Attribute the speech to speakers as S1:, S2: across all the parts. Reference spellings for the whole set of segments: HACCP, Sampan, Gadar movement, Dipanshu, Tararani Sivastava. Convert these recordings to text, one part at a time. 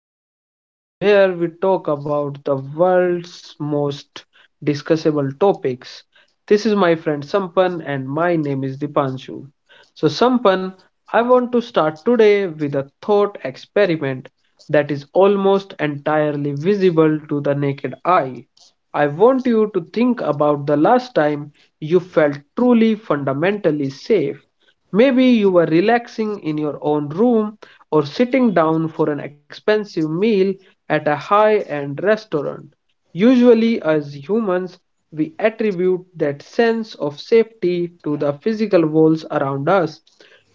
S1: space where we talk about the world's most discussable topics. This is my friend Sampan, and my name is Dipanshu. So, Sampan, I want to start today with a thought experiment that is almost entirely visible to the naked eye. I want you to think about the last time you felt truly fundamentally safe. Maybe you were relaxing in your own room or sitting down for an expensive meal at a high end restaurant. Usually, as humans, we attribute that sense of safety to the physical walls around us,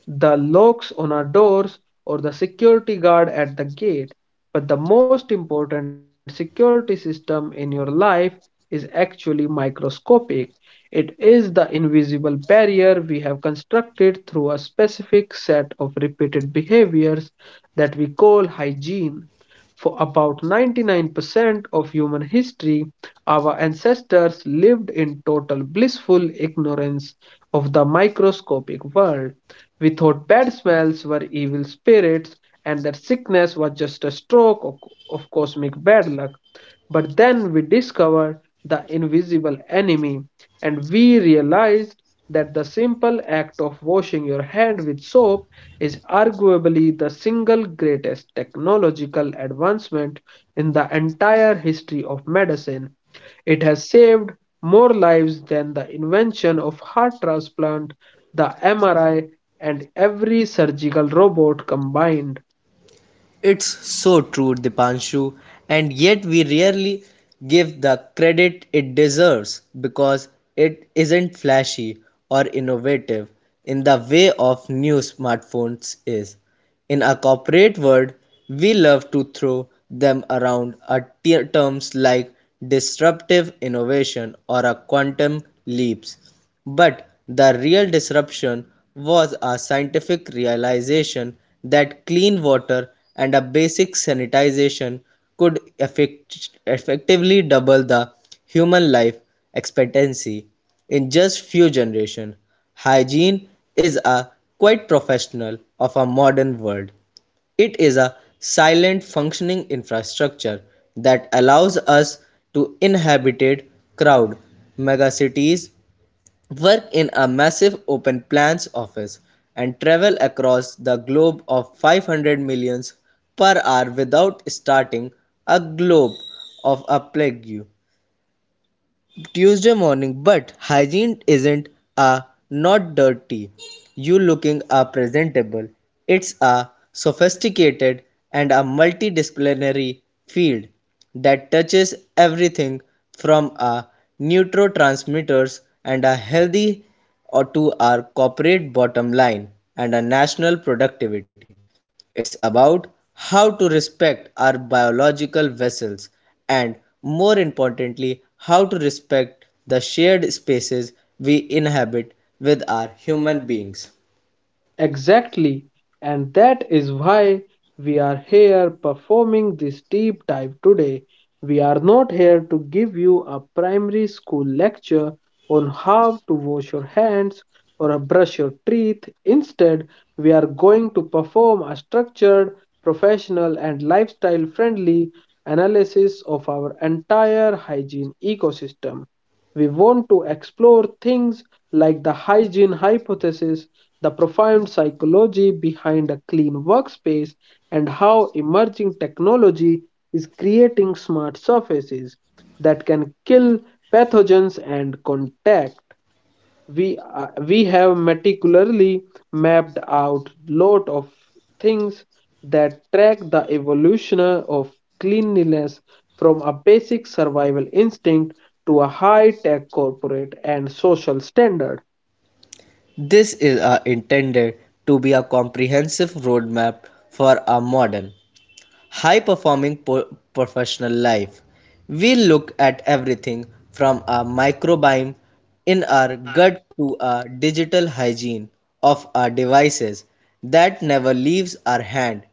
S1: the locks on our doors, or the security guard at the gate. But the most important security system in your life is actually microscopic. It is the invisible barrier we have constructed through a specific set of repeated behaviors that we call hygiene. For about 99% of human history, our ancestors lived in total blissful ignorance of the microscopic world. We thought bad smells were evil spirits and that sickness was just a stroke of cosmic bad luck. But then we discovered the invisible enemy, and we realized that the simple act of washing your hand with soap is arguably the single greatest technological advancement in the entire history of medicine. It has saved more lives than the invention of heart transplant, the MRI, and every surgical robot combined.
S2: It's so true, Dipanshu, and yet we rarely give the credit it deserves because it isn't flashy or innovative in the way of new smartphones is. In a corporate world, we love to throw them around at terms like disruptive innovation or a quantum leaps but the real disruption was a scientific realization that clean water and a basic sanitization could effectively double the human life expectancy in just few generations. Hygiene is a quite professional of a modern world. It is a silent functioning infrastructure that allows us to inhabited crowd megacities work in a massive open plans office, and travel across the globe of 500 millions per hour without starting a globe of a plague. Tuesday morning, but hygiene isn't a not dirty. You looking are presentable. It's a sophisticated and a multidisciplinary field that touches everything from our neurotransmitters and a healthy or to our corporate bottom line and a national productivity. It's about how to respect our biological vessels and, more importantly, how to respect the shared spaces we inhabit with our human beings.
S1: Exactly, and that is why we are here performing this deep dive today. We are not here to give you a primary school lecture on how to wash your hands or brush your teeth. Instead, we are going to perform a structured, professional, and lifestyle friendly analysis of our entire hygiene ecosystem. We want to explore things like the hygiene hypothesis, the profound psychology behind a clean workspace, and how emerging technology is creating smart surfaces that can kill pathogens and contact we have meticulously mapped out lot of things that track the evolution of cleanliness from a basic survival instinct to a high-tech corporate and social standard.
S2: This is intended to be a comprehensive roadmap for a modern, high performing professional life. We look at everything from our microbiome in our gut to our digital hygiene of our devices that never leaves our hand.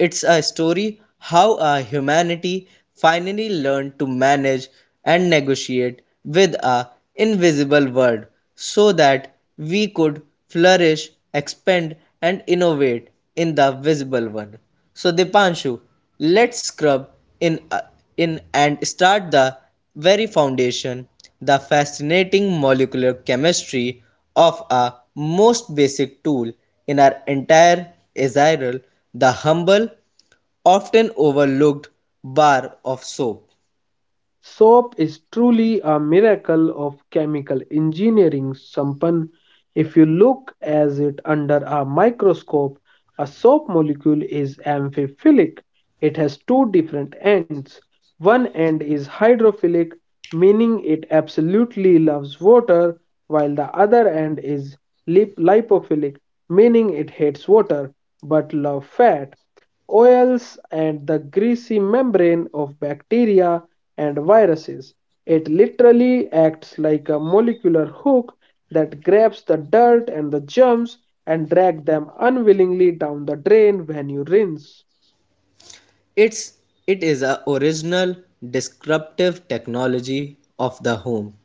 S2: It's a story how our humanity finally learned to manage and negotiate with a invisible world so that we could flourish, expand and innovate in the visible one. So Dipanshu, let's scrub in and start the very foundation, the fascinating molecular chemistry of a most basic tool in our entire eziral, the humble, often overlooked bar of soap.
S1: Soap is truly a miracle of chemical engineering, Sampan. If you look at it under a microscope, a soap molecule is amphiphilic. It has two different ends. One end is hydrophilic, meaning it absolutely loves water, while the other end is lipophilic, meaning it hates water but loves fat oils and the greasy membrane of bacteria and viruses. It literally acts like a molecular hook that grabs the dirt and the germs and drag them unwillingly down the drain when you rinse.
S2: It's it is a original disruptive technology of the home.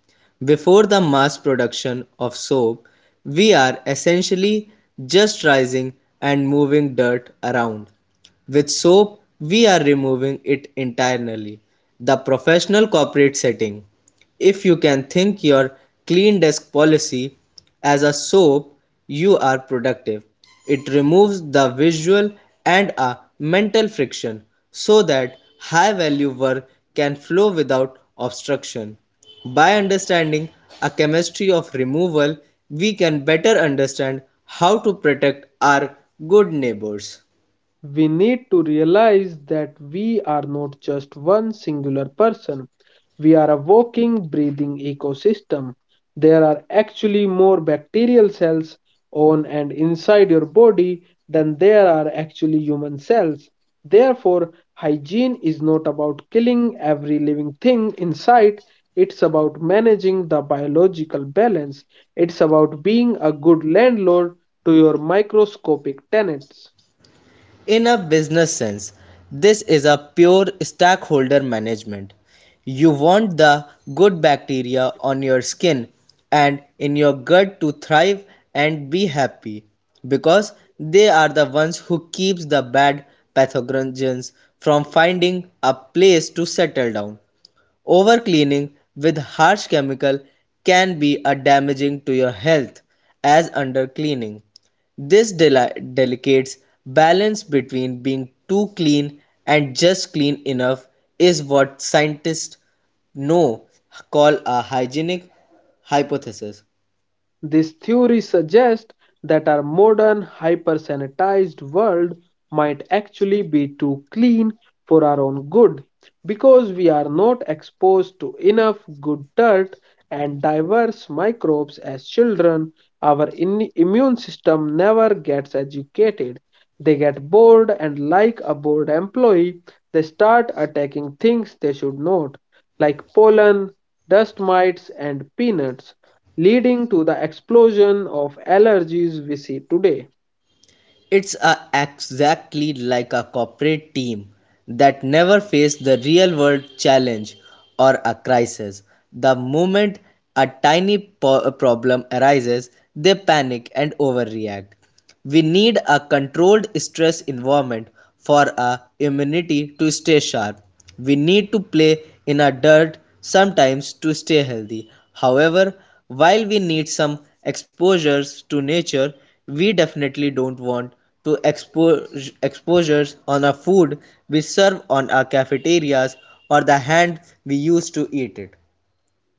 S2: Before the mass production of soap, we are essentially just rising and moving dirt around. With soap, we are removing it entirely. The professional corporate setting. If you can think your clean desk policy as a soap, you are productive. It removes the visual and a mental friction so that high value work can flow without obstruction. By understanding a chemistry of removal, we can better understand how to protect our good neighbors.
S1: We need to realize that we are not just one singular person. We are a walking, breathing ecosystem. There are actually more bacterial cells on and inside your body than there are actually human cells. Therefore, hygiene is not about killing every living thing in sight. It's about managing the biological balance. It's about being a good landlord to your microscopic tenants.
S2: In a business sense, this is a pure stakeholder management. You want the good bacteria on your skin and in your gut to thrive and be happy because they are the ones who keeps the bad pathogens from finding a place to settle down. Overcleaning with harsh chemical can be a damaging to your health as undercleaning. This delicate balance between being too clean and just clean enough is what scientists know call a hygienic hypothesis.
S1: This theory suggests that our modern hyper-sanitized world might actually be too clean for our own good because we are not exposed to enough good dirt and diverse microbes as children. Our immune system never gets educated. They get bored, and like a bored employee, they start attacking things they should not, like pollen, dust mites, and peanuts, leading to the explosion of allergies we see today.
S2: It's a, exactly like a corporate team that never faced the real world challenge or a crisis. The moment a tiny problem arises, they panic and overreact. We need a controlled stress environment for our immunity to stay sharp. We need to play in a dirt sometimes to stay healthy. However, while we need some exposures to nature, we definitely don't want to expose exposures on our food we serve on our cafeterias or the hand we use to eat it.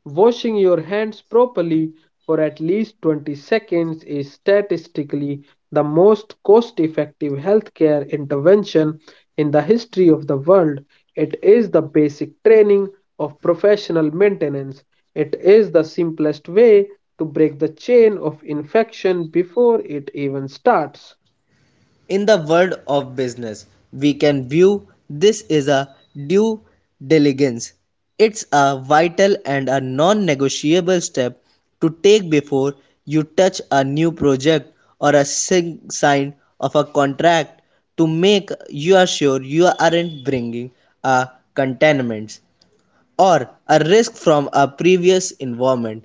S1: Washing your hands properly for at least 20 seconds is statistically the most cost effective healthcare intervention in the history of the world. It is the basic training of professional maintenance. It is the simplest way to break the chain of infection before it even starts.
S2: In the world of business, we can view this is a due diligence. It's a vital and a non negotiable step to take before you touch a new project or a sign of a contract to make you are sure you aren't bringing a contaminants or a risk from a previous environment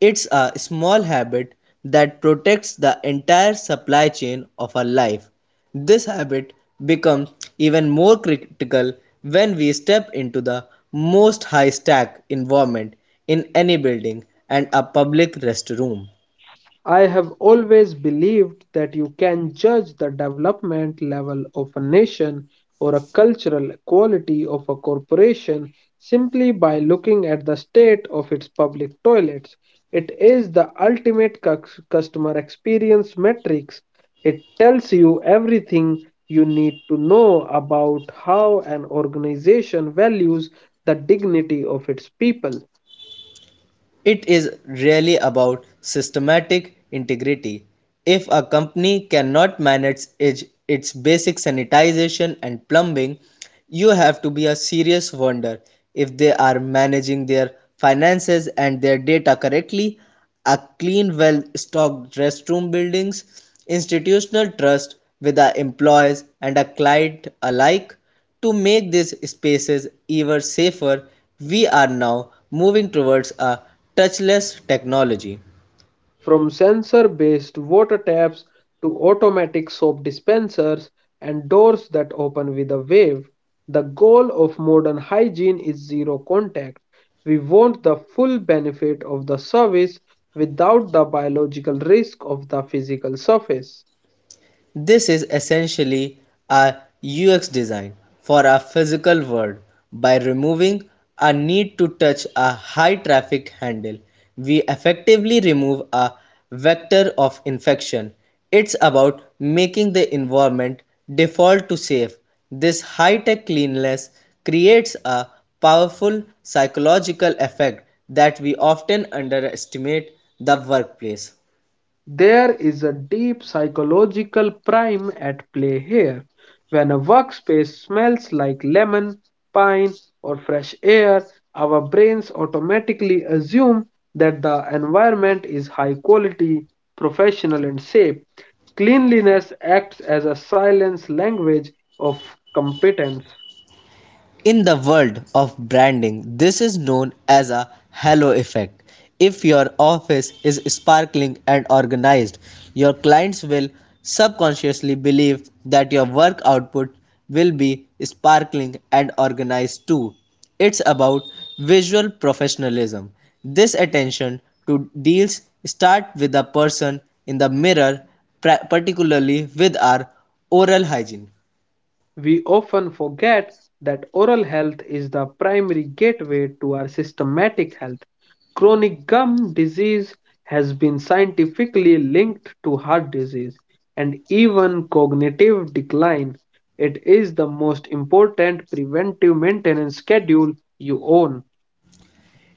S2: it's a small habit that protects the entire supply chain of our life. This habit becomes even more critical when we step into the most high stack environment in any building and a public restroom.
S1: I have always believed that you can judge the development level of a nation or a cultural quality of a corporation simply by looking at the state of its public toilets. It is the ultimate customer experience metrics. It tells you everything you need to know about how an organization values the dignity of its people.
S2: It is really about systematic integrity. If a company cannot manage its, basic sanitation and plumbing, you have to be a serious wonder if they are managing their finances and their data correctly. A clean, well stocked restroom buildings, institutional trust with our employees and our client alike to make these spaces even safer we are now moving towards a touchless technology.
S1: From sensor based water taps to automatic soap dispensers and doors that open with a wave, the goal of modern hygiene is zero contact. We want the full benefit of the service without the biological risk of the physical surface.
S2: This is essentially a UX design for a physical world. By removing a need to touch a high traffic handle, we effectively remove a vector of infection. It's about making the environment default to safe. This high tech cleanliness creates a powerful psychological effect that we often underestimate the workplace.
S1: There is a deep psychological prime at play here. When a workspace smells like lemon, pine, or fresh air, our brains automatically assume that the environment is high quality, professional, and safe. Cleanliness acts as a silent language of competence.
S2: In the world of branding, this is known as a halo effect. If your office is sparkling and organized, your clients will subconsciously believe that your work output will be sparkling and organized too. It's about visual professionalism. This attention to details start with the person in the mirror, particularly with our oral hygiene.
S1: We often forget that oral health is the primary gateway to our systematic health. Chronic gum disease has been scientifically linked to heart disease and even cognitive decline. It is the most important preventive maintenance schedule you own.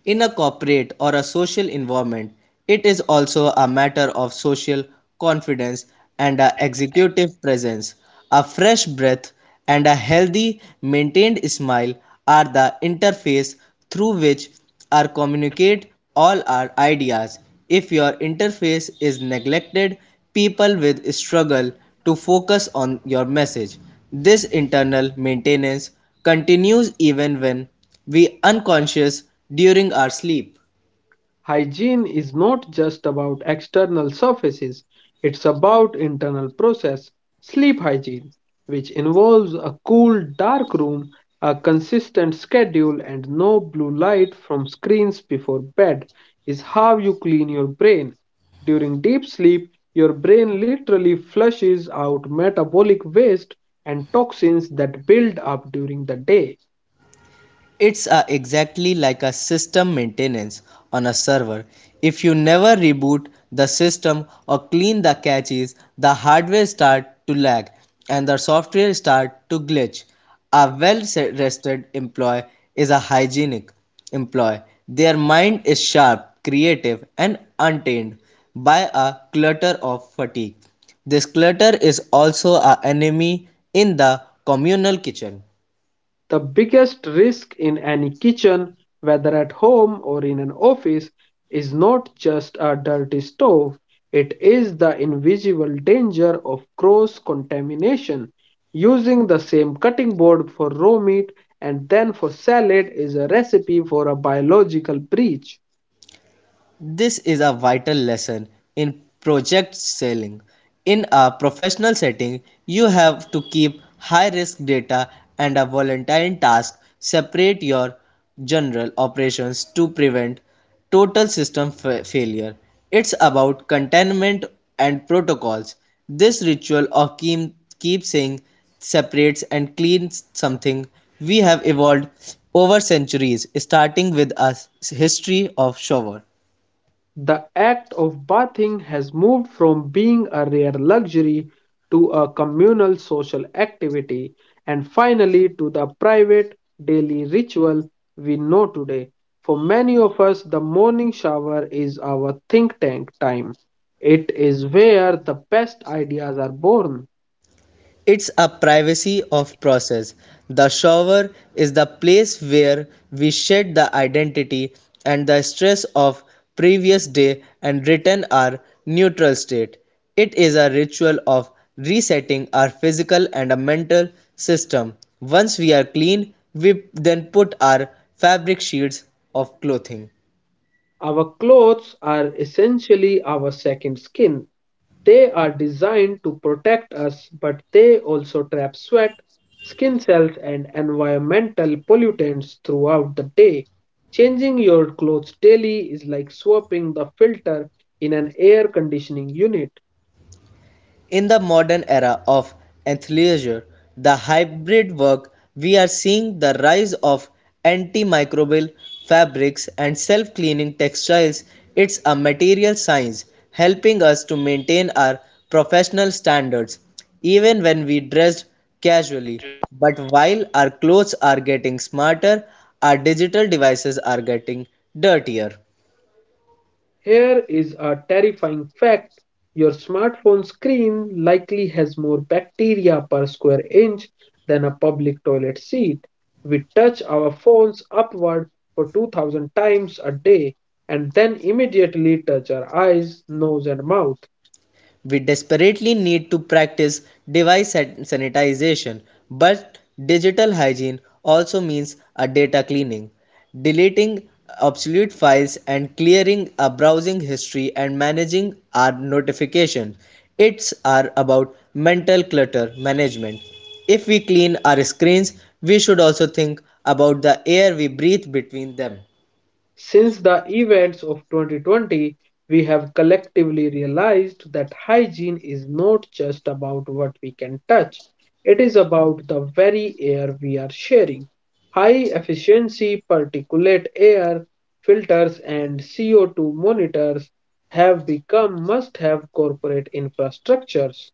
S2: In a corporate or a social environment, it is also a matter of social confidence and a executive presence. A fresh breath and a healthy, maintained smile are the interface through which are communicate all our ideas. If your interface is neglected, people will struggle to focus on your message. This internal maintenance continues even when we unconscious during our sleep.
S1: Hygiene is not just about external surfaces, it's about internal process. Sleep hygiene, which involves a cool, dark room, a consistent schedule, and no blue light from screens before bed, is how you clean your brain. During deep sleep, your brain literally flushes out metabolic waste and toxins that build up during the day.
S2: It's exactly like a system maintenance on a server. If you never reboot the system or clean the caches, the hardware start to lag and the software start to glitch. A well-rested employee is a hygienic employee. Their mind is sharp, creative, and untainted by a clutter of fatigue. This clutter is also an enemy in the communal kitchen.
S1: The biggest risk in any kitchen, whether at home or in an office, is not just a dirty stove, it is the invisible danger of cross contamination. Using the same cutting board for raw meat and then for salad is a recipe for a biological breach.
S2: This is a vital lesson in project selling. In a professional setting, you have to keep high risk data and a volatile task separate your general operations to prevent total system failure. It's about containment and protocols. This ritual of keep saying separates and cleans something we have evolved over centuries, starting with a history of shower.
S1: The act of bathing has moved from being a rare luxury to a communal social activity and finally to the private daily ritual we know today. For many of us, the morning shower is our think tank time. It is where the best ideas are born.
S2: It's a privacy of process. The shower is the place where we shed the identity and the stress of previous day and return our neutral state. It is a ritual of resetting our physical and a mental system. Once we are clean, we then put our fabric sheets of clothing.
S1: Our clothes are essentially our second skin. They are designed to protect us, but they also trap sweat, skin cells, and environmental pollutants throughout the day. Changing your clothes daily is like swapping the filter in an air conditioning unit.
S2: In the modern era of athleisure, the hybrid work, we are seeing the rise of antimicrobial fabrics and self-cleaning textiles. It's a material science helping us to maintain our professional standards even when we dress casually. But while our clothes are getting smarter, our digital devices are getting dirtier.
S1: Here is a terrifying fact. Your smartphone screen likely has more bacteria per square inch than a public toilet seat. We touch our phones upward for 2000 times a day and then immediately touch our eyes, nose, and mouth.
S2: We desperately need to practice device sanitization, but digital hygiene also means a data cleaning, deleting obsolete files and clearing a browsing history and managing our notification. It's are about mental clutter management. If we clean our screens, we should also think about the air we breathe between them.
S1: Since the events of 2020, we have collectively realized that hygiene is not just about what we can touch, it is about the very air we are sharing. High efficiency particulate air filters and CO2 monitors have become must have corporate infrastructures.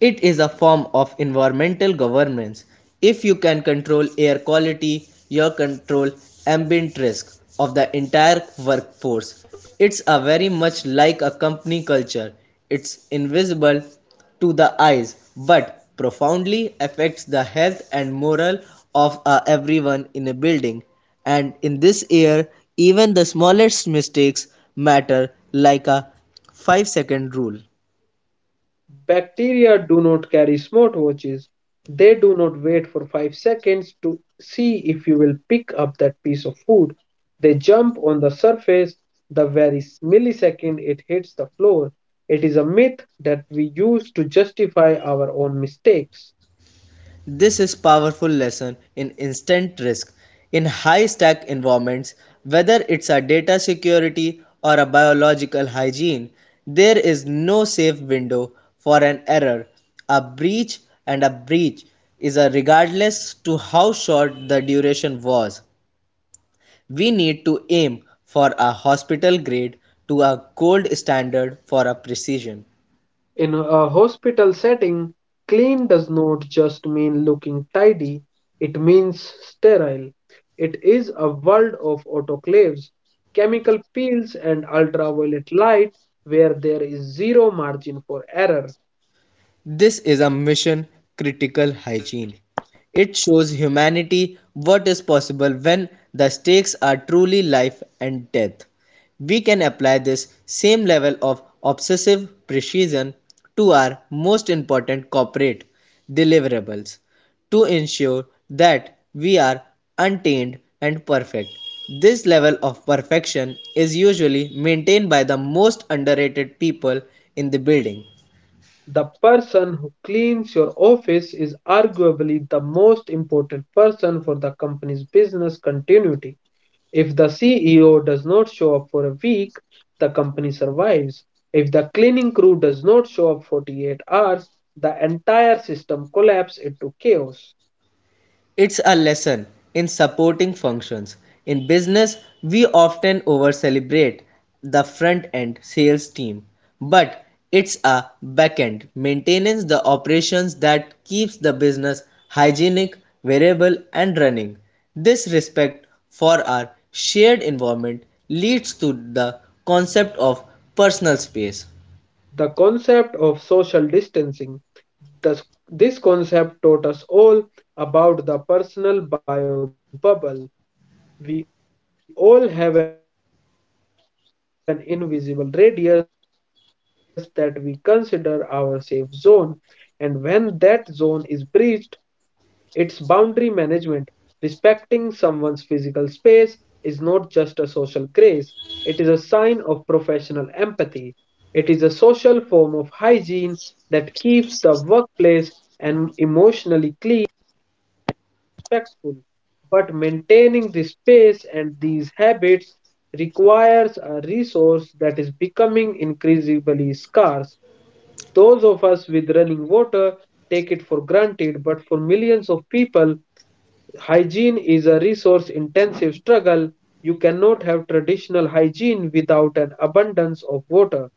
S2: It is a form of environmental governance. If you can control air quality, you control ambient risk of the entire workforce. It's a very much like a company culture. It's invisible to the eyes but profoundly affects the health and morale of everyone in a building. And in this year, even the smallest mistakes matter like a 5-second rule.
S1: Bacteria do not carry smartwatches. They do not wait for 5 seconds to see if you will pick up that piece of food. They jump on the surface the very millisecond it hits the floor. It is a myth that we use to justify our own mistakes.
S2: This is powerful lesson in instant risk. In high stack environments, whether it's a data security or a biological hygiene, there is no safe window for an error. A breach and a breach is a regardless to how short the duration was. We need to aim for a hospital grade to a gold standard for a precision.
S1: In a hospital setting, clean does not just mean looking tidy, it means sterile. It is a world of autoclaves, chemical peels, and ultraviolet light where there is zero margin for error.
S2: This is a mission critical hygiene. It shows humanity what is possible when the stakes are truly life and death. We can apply this same level of obsessive precision to our most important corporate deliverables to ensure that we are untainted and perfect. This level of perfection is usually maintained by the most underrated people in the building.
S1: The person who cleans your office is arguably the most important person for the company's business continuity. If the CEO does not show up for a week, the company survives. If the cleaning crew does not show up 48 hours, the entire system collapses into chaos.
S2: It's a lesson in supporting functions. In business, we often over celebrate the front end sales team, but it's a back end maintenance the operations that keeps the business hygienic, variable and running. This respect for our shared environment leads to the concept of personal space.
S1: The concept of social distancing. This, this concept taught us all about the personal bio bubble. We all have an invisible radius that we consider our safe zone, and when that zone is breached, our stress levels spike. It's boundary management. Respecting someone's physical space is not just a social grace, it is a sign of professional empathy. It is a social form of hygiene that keeps the workplace and emotionally clean and respectful. But maintaining this space and these habits requires a resource that is becoming increasingly scarce. Those of us with running water take it for granted, but for millions of people, hygiene is a resource intensive struggle. You cannot have traditional hygiene without an abundance of water.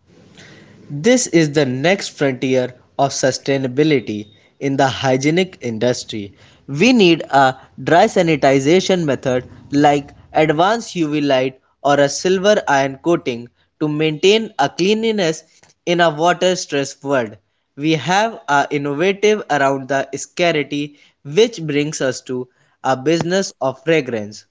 S2: This is the next frontier of sustainability in the hygienic industry. We need a dry sanitization method like advanced UV light or a silver iron coating to maintain a cleanliness in a water stressed world. We have a innovative around the scarcity which brings us to a business of fragrance.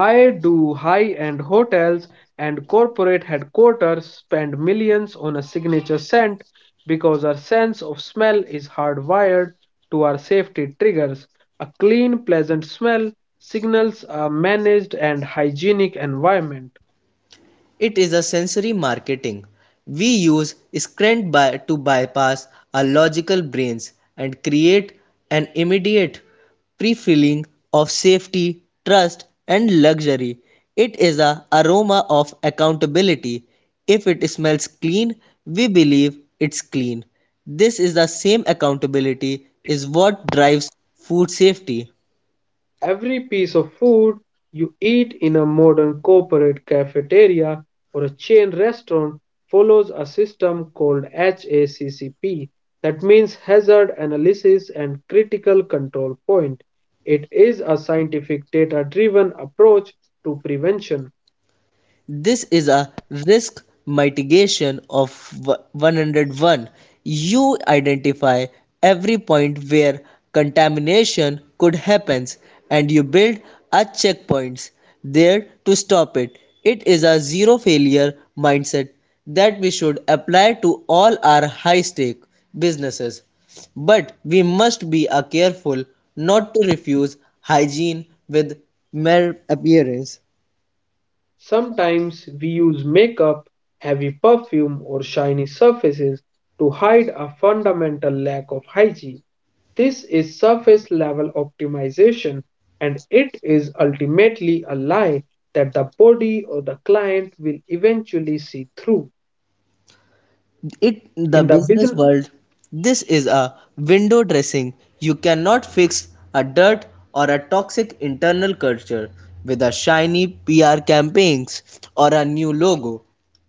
S1: Why do high end hotels and corporate headquarters spend millions on a signature scent? Because our sense of smell is hardwired to our safety triggers. A clean, pleasant smell signals a managed and hygienic environment.
S2: It is a sensory marketing. We use scent to bypass our logical brains and create an immediate pre-feeling of safety, trust, and luxury. It is a aroma of accountability. If it smells clean, we believe it's clean. This is the same accountability is what drives food safety.
S1: Every piece of food you eat in a modern corporate cafeteria or a chain restaurant follows a system called HACCP. That means Hazard Analysis and Critical Control Point. It is a scientific data driven approach to prevention.
S2: This is a risk mitigation of 101. You identify every point where contamination could happen and you build a checkpoints there to stop it. It is a zero failure mindset that we should apply to all our high stake businesses. But we must be careful not to refuse hygiene with mere appearance.
S1: Sometimes we use makeup, heavy perfume, or shiny surfaces to hide a fundamental lack of hygiene. This is surface level optimization, and it is ultimately a lie that the body or the client will eventually see through.
S2: It the
S1: In the
S2: business
S1: business.
S2: world this is a window dressing you cannot fix a dirt or a toxic internal culture with a shiny pr campaigns or a new logo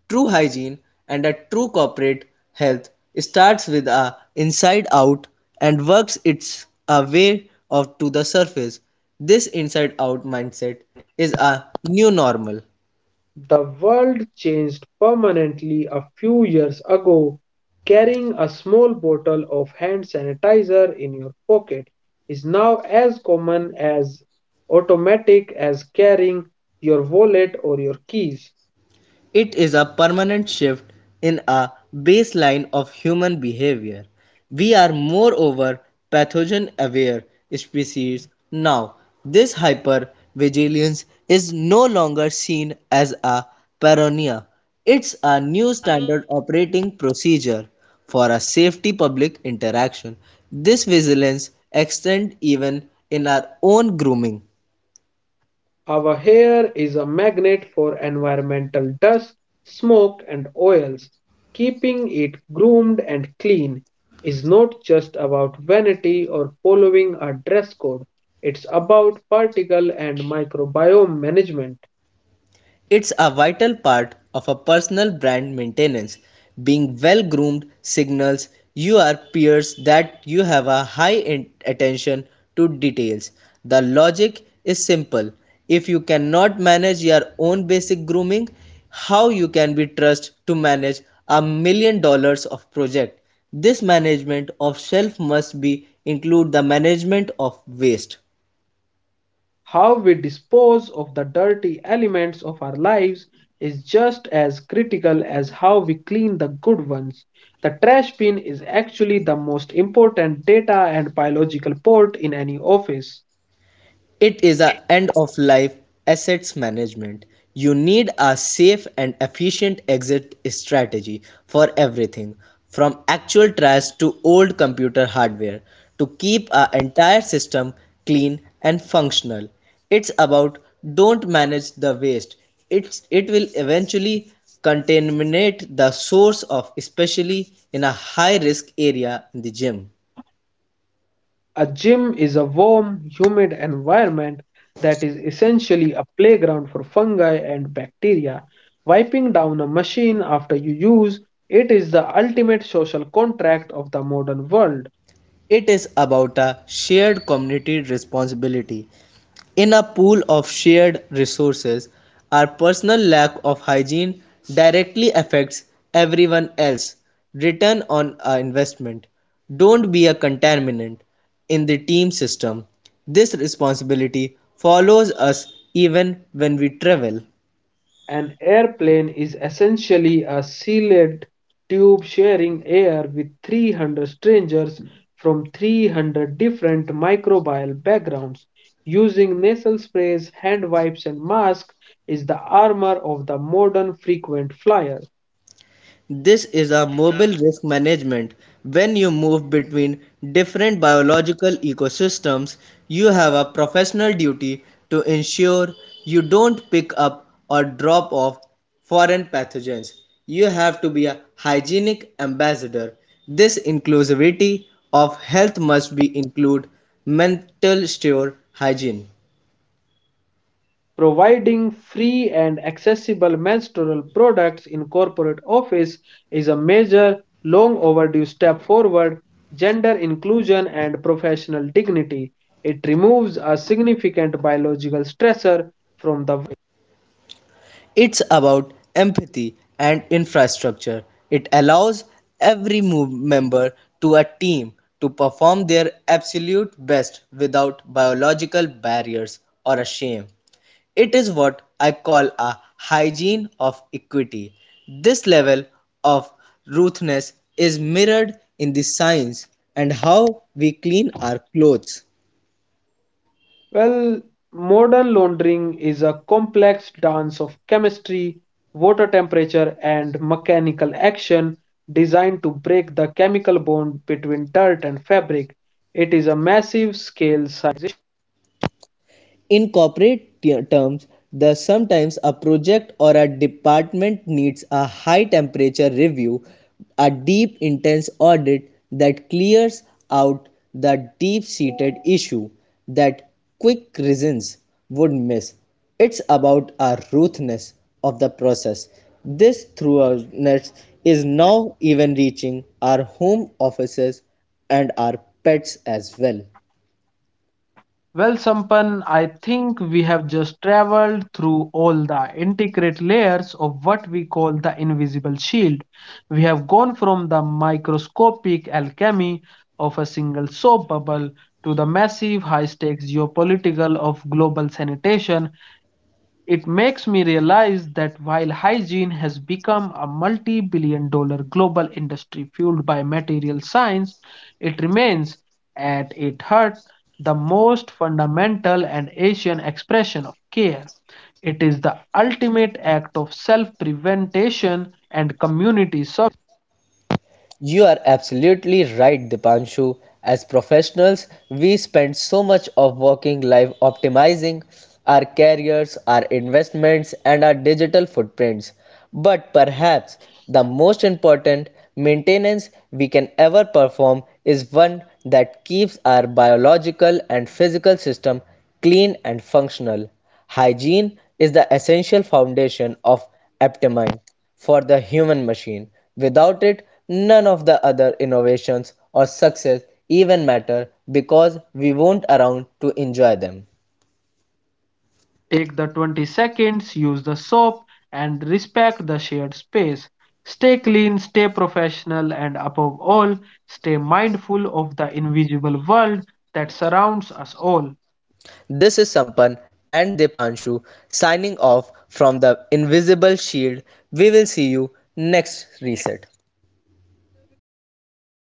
S2: true hygiene and a true corporate health starts with a inside out and works its a way of to the surface this inside out mindset is a new normal.
S1: The world changed permanently a few years ago. Carrying a small bottle of hand sanitizer in your pocket is now as common as automatic as carrying your wallet or your keys.
S2: It is a permanent shift in a baseline of human behavior. We are moreover pathogen aware species now. This hypervigilance is no longer seen as a paranoia. It's a new standard operating procedure for a safety public interaction. This vigilance extends even in our own grooming.
S1: Our hair is a magnet for environmental dust, smoke, and oils. Keeping it groomed and clean is not just about vanity or following a dress code, it's about particle and microbiome management.
S2: It's a vital part of a personal brand maintenance. Being well groomed signals your peers that you have a high attention to details. The logic is simple. If you cannot manage your own basic grooming, how you can be trusted to manage $1 million of project? This management of shelf must be include the management of waste.
S1: How we dispose of the dirty elements of our lives is just as critical as how we clean the good ones. The trash bin is actually the most important data and biological port in any office.
S2: It is a end of life assets management. You need a safe and efficient exit strategy for everything from actual trash to old computer hardware to keep our entire system clean and functional. It's about don't manage the waste. It's it will eventually contaminate the source of especially in a high risk area in the gym.
S1: A gym is a warm, humid environment that is essentially a playground for fungi and bacteria. Wiping down a machine after you use it is the ultimate social contract of the modern world.
S2: It is about a shared community responsibility. In a pool of shared resources, our personal lack of hygiene directly affects everyone else. Return on our investment. Don't be a contaminant in the team system. This responsibility follows us even when we travel.
S1: An airplane is essentially a sealed tube sharing air with 300 strangers from 300 different microbial backgrounds. Using nasal sprays, hand wipes, and masks is the armor of the modern frequent flyer.
S2: This is a mobile risk management. When you move between different biological ecosystems, you have a professional duty to ensure you don't pick up or drop off foreign pathogens. You have to be a hygienic ambassador. This inclusivity of health must be include mental store hygiene.
S1: Providing free and accessible menstrual products in corporate office is a major, long overdue step forward gender inclusion and professional dignity. It removes a significant biological stressor from the.
S2: It's about empathy and infrastructure. It allows every move member to a team to perform their absolute best without biological barriers or a shame. It is what I call a hygiene of equity. This level of ruthlessness is mirrored in the science and how we clean our clothes.
S1: Well, modern laundering is a complex dance of chemistry, water temperature, and mechanical action designed to break the chemical bond between dirt and fabric. It is a massive scale.
S2: In corporate terms, the sometimes a project or a department needs a high temperature review, a deep intense audit that clears out the deep-seated issue that quick reasons would miss. It's about a ruthlessness of the process. This thoroughness is now even reaching our home offices and our pets as well.
S1: Well, Sampan, I think we have just traveled through all the intricate layers of what we call the invisible shield. We have gone from the microscopic alchemy of a single soap bubble to the massive high stakes geopolitical of global sanitation. It makes me realize that while hygiene has become a multi billion dollar global industry fueled by material science, it remains, at its heart, the most fundamental and Asian expression of care. It is the ultimate act of self prevention and community.
S2: You are absolutely right, Dipanshu. As professionals, we spend so much of working life optimizing our careers, our investments, and our digital footprints. But perhaps the most important maintenance we can ever perform is one that keeps our biological and physical system clean and functional. Hygiene is the essential foundation of Aptamine for the human machine. Without it, none of the other innovations or success even matter because we won't around to enjoy them.
S1: Take the 20 seconds, use the soap, and respect the shared space. Stay clean, stay professional, and above all, stay mindful of the invisible world that surrounds us all.
S2: This is Sampan and Depanshu signing off from the invisible shield. We will see you next reset.